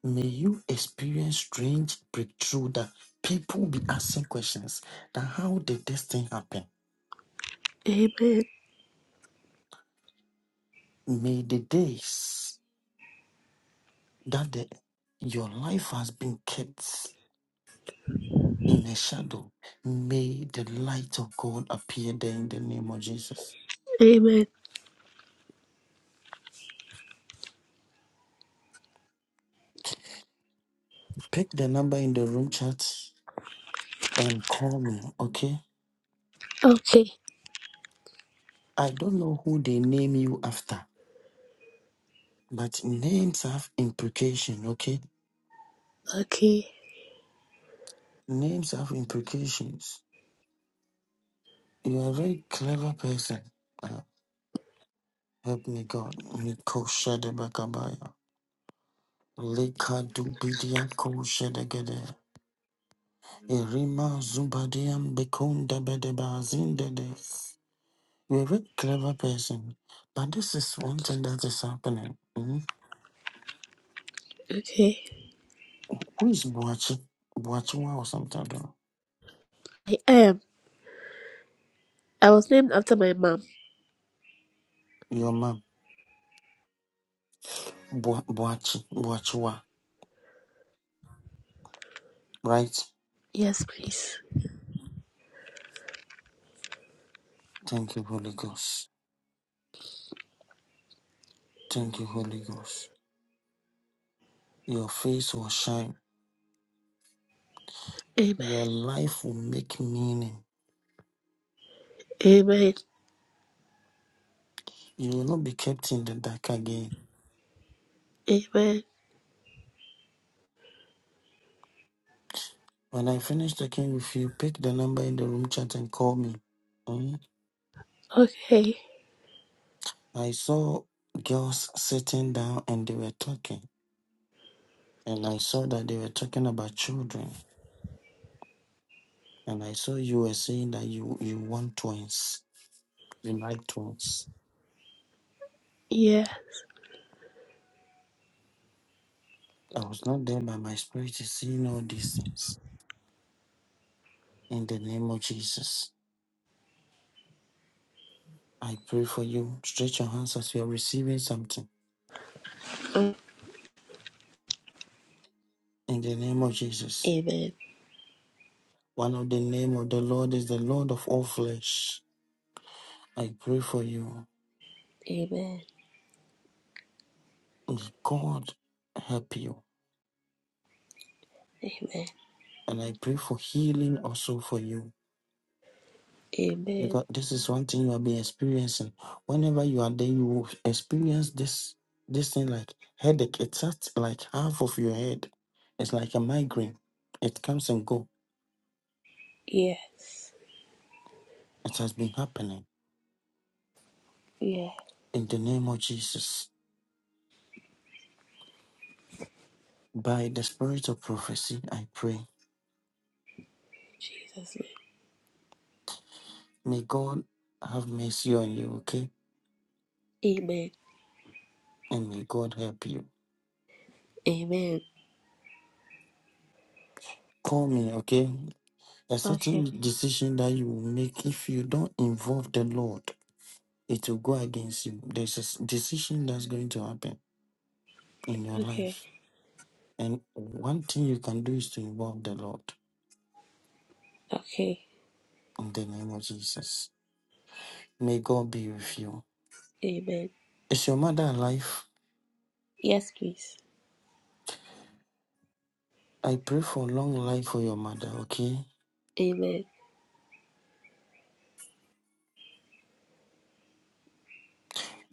May you experience strange breakthrough that people be asking questions that how did this thing happen? Amen. May the days that the, your life has been kept in a shadow, may the light of God appear there in the name of Jesus. Amen. Pick the number in the room chat and call me, okay? Okay. I don't know who they name you after But names have implication, okay? Okay. Names have implications. You are a very clever person. Uh, help me God. Miko Shadebakabaya. Leka Dubidia Ko Shadegede. Irima Zubadiam Bekunda Bedebazindedes. You're a very clever person. But this is one thing that is happening. mhm. Okay. Who is Boachi? Boachiwa or something? I don't know. I am. I was named after my mom. Your mom. Boachi. Boachiwa. Right? Yes, please. Thank you, Holy Ghost. Thank you, Holy Ghost. Your face will shine. Amen. Your life will make meaning. Amen. You will not be kept in the dark again. Amen. When I finish talking with you, pick the number in the room chat and call me. Mm. Okay. I saw girls sitting down and they were talking. And I saw that they were talking about children. And I saw you were saying that you, you want twins. You like twins. Yeah. I was not there, but my spirit is seeing all these things. In the name of Jesus. I pray for you. Stretch your hands as you are receiving something. Uh, In the name of Jesus. Amen. One of the name of the Lord is the Lord of all flesh. I pray for you. Amen. May God help you. Amen. And I pray for healing also for you. Amen. Because this is one thing you have been experiencing. Whenever you are there, you will experience this this thing like headache. It's at like half of your head. It's like a migraine. It comes and go. Yes. It has been happening Yeah. in the name of Jesus. By the spirit of prophecy, I pray. Jesus. May God have mercy on you, okay? name. Amen. And may God help you. Amen. Call me, okay? A Okay. certain decision that you will make, if you don't involve the Lord, it will go against you. There's a s- decision that's going to happen in your Okay. life. And one thing you can do is to involve the Lord Okay. in the name of Jesus. May God be with you. Amen. Is your mother alive? Yes, please. I pray for long life for your mother, okay? Amen.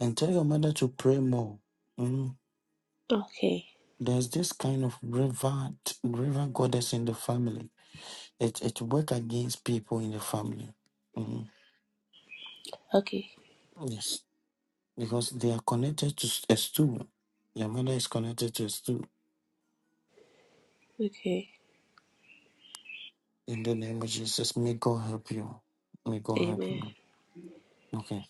And tell your mother to pray more. Mm. Okay. There's this kind of river river goddess in the family. It it work against people in the family. Mhm. Okay. Yes, because they are connected to a stool. Your mother is connected to a stool. Okay. In the name of Jesus, may God help you. May God help Amen. you. Okay.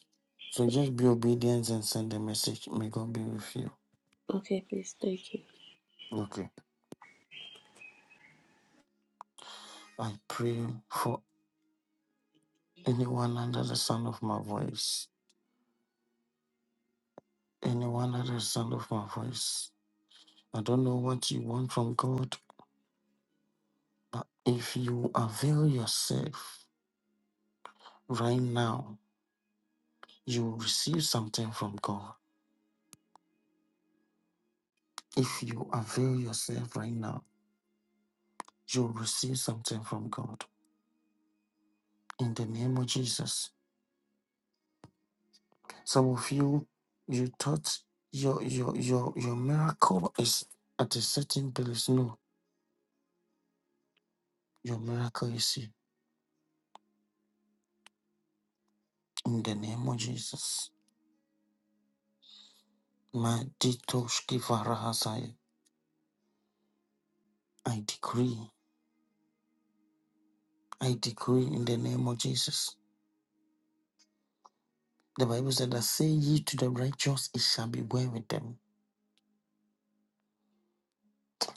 So just be obedient and send a message. May God be with you. Okay, please. Thank you. Okay. I pray for anyone under the sound of my voice. Anyone under the sound of my voice. I don't know what you want from God. If you avail yourself right now, you will receive something from God. If you avail yourself right now, you'll receive something from God. In the name of Jesus. Some of you, you thought your your your your miracle is at a certain place. No, your miracle is here. In the name of Jesus. My detoshki varahasai. I decree. I decree in the name of Jesus. The Bible said that say ye to the righteous, it shall be well with them.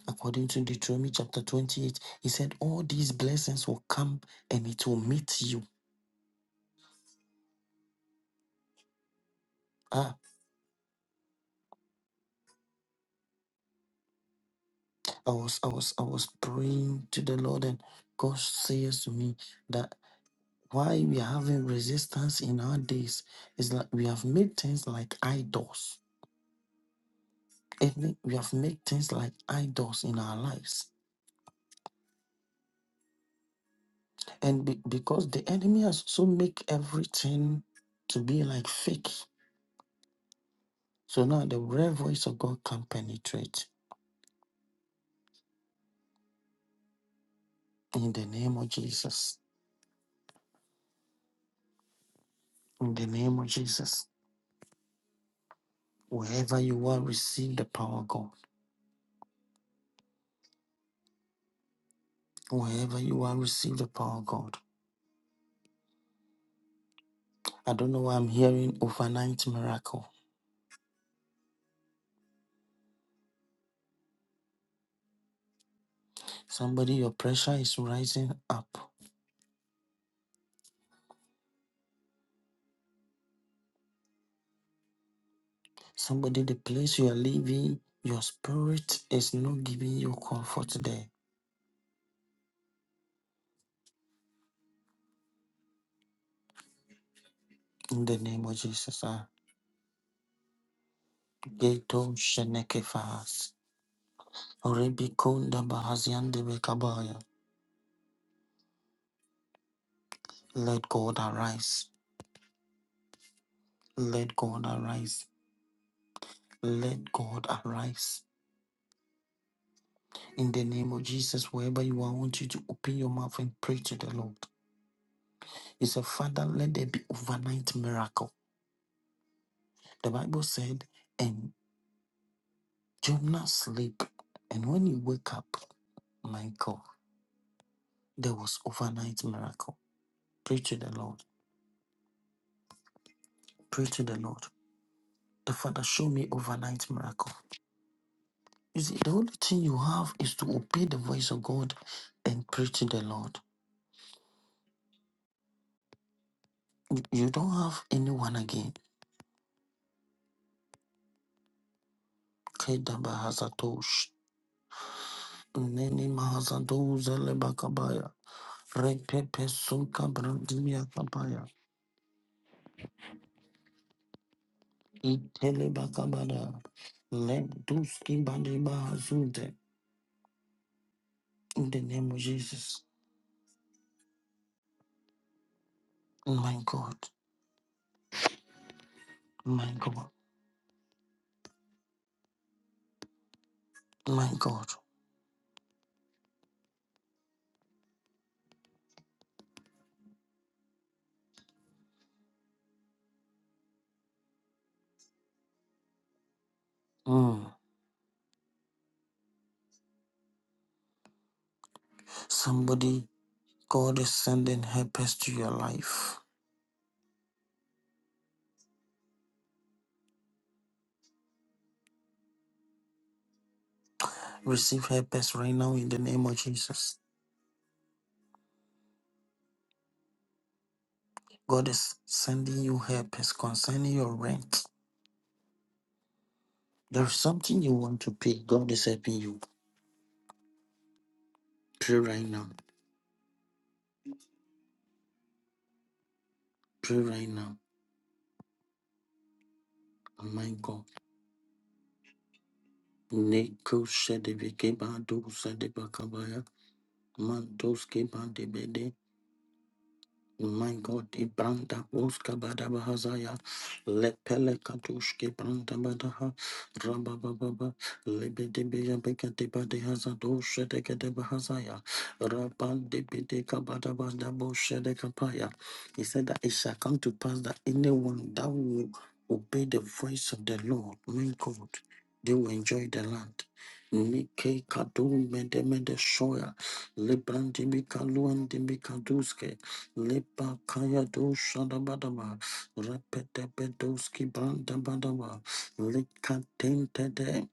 According to Deuteronomy chapter 28, he said, All these blessings will come and it will meet you. Ah, I was I was I was praying to the Lord and God says to me that why we are having resistance in our days is that we have made things like idols. And we have made things like idols in our lives. And be- because the enemy has so make everything to be like fake So now the real voice of God can penetrate in the name of Jesus. In the name of Jesus. Wherever you are, receive the power of God. Wherever you are, receive the power of God. I don't know why I'm hearing overnight miracle. Somebody, your pressure is rising up. Somebody, the place you are living, your spirit is not giving you comfort there. In the name of Jesus. ah. Geto Shenekefas. Rebikonda Bahazian de Let God arise. Let God arise. Let God arise. In the name of Jesus, wherever you are, I want you to open your mouth and pray to the Lord. He said, Father, let there be overnight miracle. The Bible said, and Jonah sleep. And when he wake up, my God, there was overnight miracle. Pray to the Lord. Pray to the Lord. The Father, show me overnight miracle. You see, the only thing you have is to obey the voice of God and pray to the Lord. You don't have anyone again. Kedabahazatosh. Nene mahazadoza lebakabaya. Repepe sunka brandiya kabaya. Itele bakabada. Lenduski bandiba hazunde. In the name of Jesus. My God. My God. My God. Mm. Somebody, God is sending helpers to your life. Receive helpers right now in the name of Jesus. God is sending you help is concerning your rent. There's something you want to pay. God is helping you. Pray right now. Pray right now. Oh my God. Neko shedebekeba do sedebakabaya. Mantos My God, Ibranda Uska Badabahazaya, Lepele Katushke Branda Badaha, Rabababa, Libidibia Bekatiba de Hazadoshe de Gedebahazaya, Raban de Bideka Badabadaboshe de Kapaya. He said that it shall come to pass that anyone that will obey the voice of the Lord, my God, they will enjoy the land. Nike Kadu Mede Mede Shoya, Lebrandimika Luandimika Duske, Lipa kaya do shada badaba, repete pedoski branda badaba, lika tente de.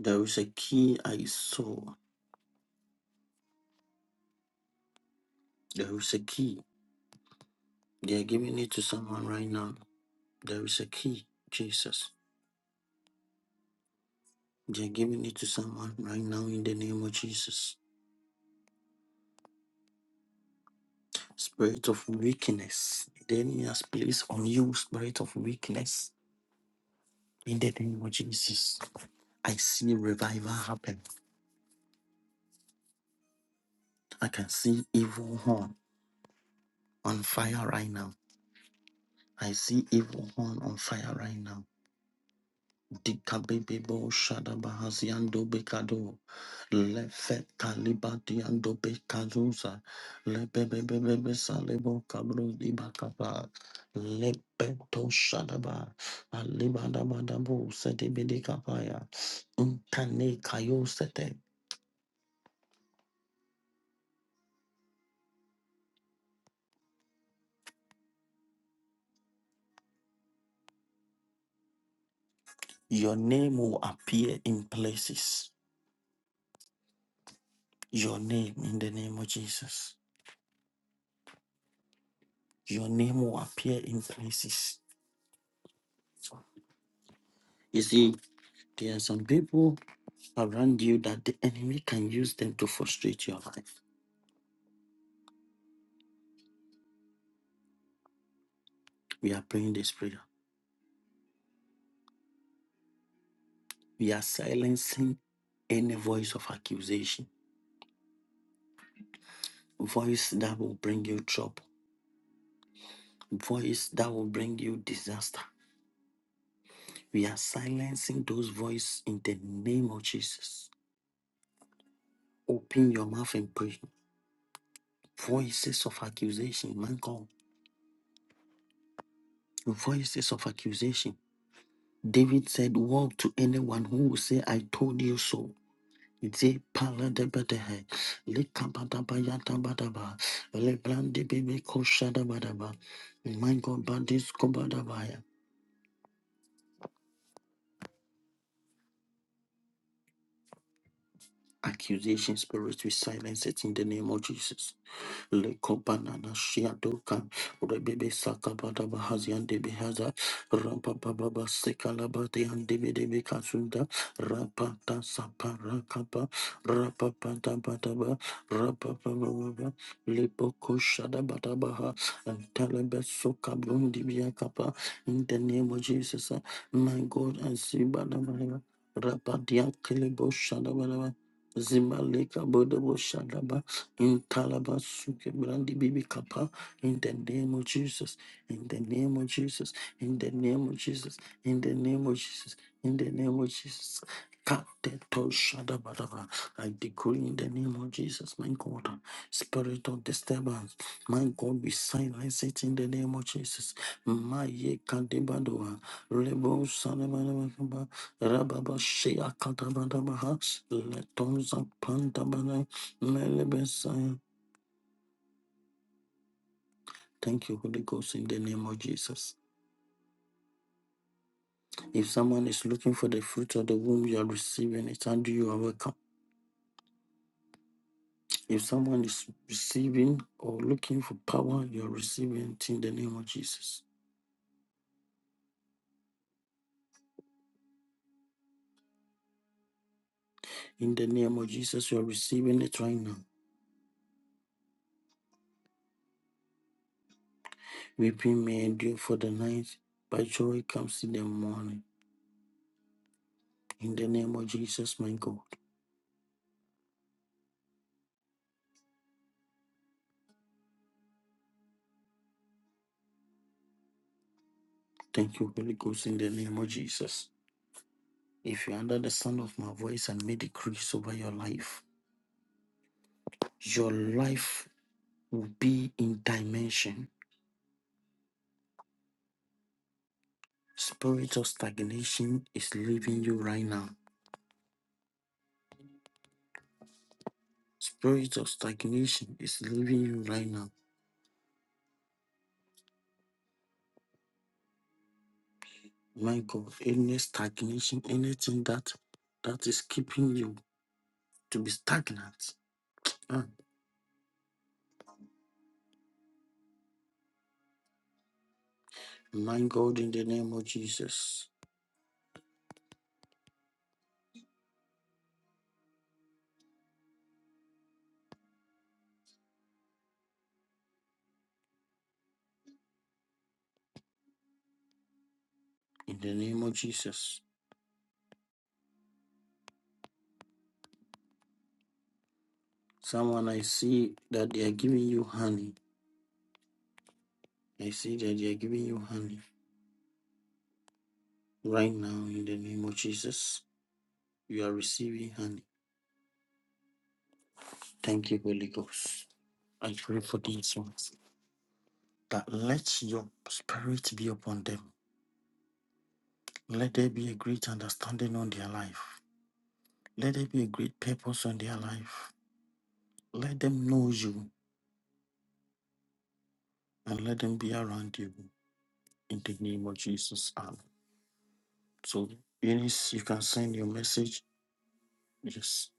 There is a key I saw. There is a key. They are giving it to someone right now. There is a key, Jesus. They are giving it to someone right now in the name of Jesus. Spirit of weakness. The enemy has placed on you spirit of weakness in the name of Jesus. I see revival happen. I can see evil horn on fire right now I see evil horn on fire right now. Dikabebebo shadabahaziando bekado. Lefe kalibadiando bekazuza. Lebebebebebe salebo kabro dibakaba. Lebeto shadaba. Alibadabadabo setebede kapaya. Untane kayo sete. Your name will appear in places. Your name in the name of Jesus. Your name will appear in places. You see. There are some people around you that the enemy can use them to frustrate your life. We are praying this prayer. We are silencing any voice of accusation, voice that will bring you trouble, voice that will bring you disaster. We are silencing those voices in the name of Jesus. Open your mouth and pray. Voices of accusation, man God. Voices of accusation. David said, Woe to anyone who will say, I told you so. Zipaladebedehe, likabadabayadabadaba, lebrandibibikoshadabadaba, mangobadiskobadabaya. Accusation spirit, we silence it in the name of Jesus. Leko banana Lekobanana shiadoka, rebebe sakabata bahazian de behaza, rampa baba sekalabate and debe debe kasunda, rapata saparakaba, rapapata bataba, rapapaba, lepoko shadabatabaha, and talabeso kabrum dibiakapa, in the name of Jesus, uh, my God, and see Badabadaba. Rapadia Kelebo Zimaleka Bodobo Shadaba in Talaba Suke Brandi Bibi Kappa in the name of Jesus, in the name of Jesus, in the name of Jesus, in the name of Jesus, in the name of Jesus. Kateto Shadabadaba. I decree in the name of Jesus, my God, spirit of disturbance, my God, we silence it in the name of Jesus. My Ye Kadebadua, Rebo Rababa Shea Katabadabaha, Letonza Pantabana, Melebesaya. Thank you, Holy Ghost, in the name of Jesus. If someone is looking for the fruit of the womb, you are receiving it and you are welcome. If someone is receiving or looking for power, you are receiving it in the name of Jesus. In the name of Jesus, you are receiving it right now. Weeping may endure for the night, but joy comes in the morning. In the name of Jesus, my God. Thank you, Holy Ghost, in the name of Jesus. If you under the sound of my voice and make decrees over your life, your life will be in dimension. Spirit of stagnation is leaving you right now. Spirit of stagnation is leaving you right now. My God, any stagnation, anything that that is keeping you to be stagnant. Ah, my God, in the name of Jesus. In the name of Jesus. Someone I see that they are giving you honey. I see that they are giving you honey. Right now, in the name of Jesus, you are receiving honey. Thank you, Holy Ghost. I pray for these ones that let your spirit be upon them. Let there be a great understanding on their life. Let there be a great purpose on their life. Let them know you and let them be around you in the name of Jesus. Amen. So, Eunice, you can send your message. Yes.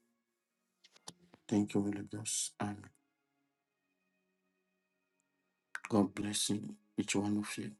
Thank you, Holy Ghost. Amen. God bless you, each one of you.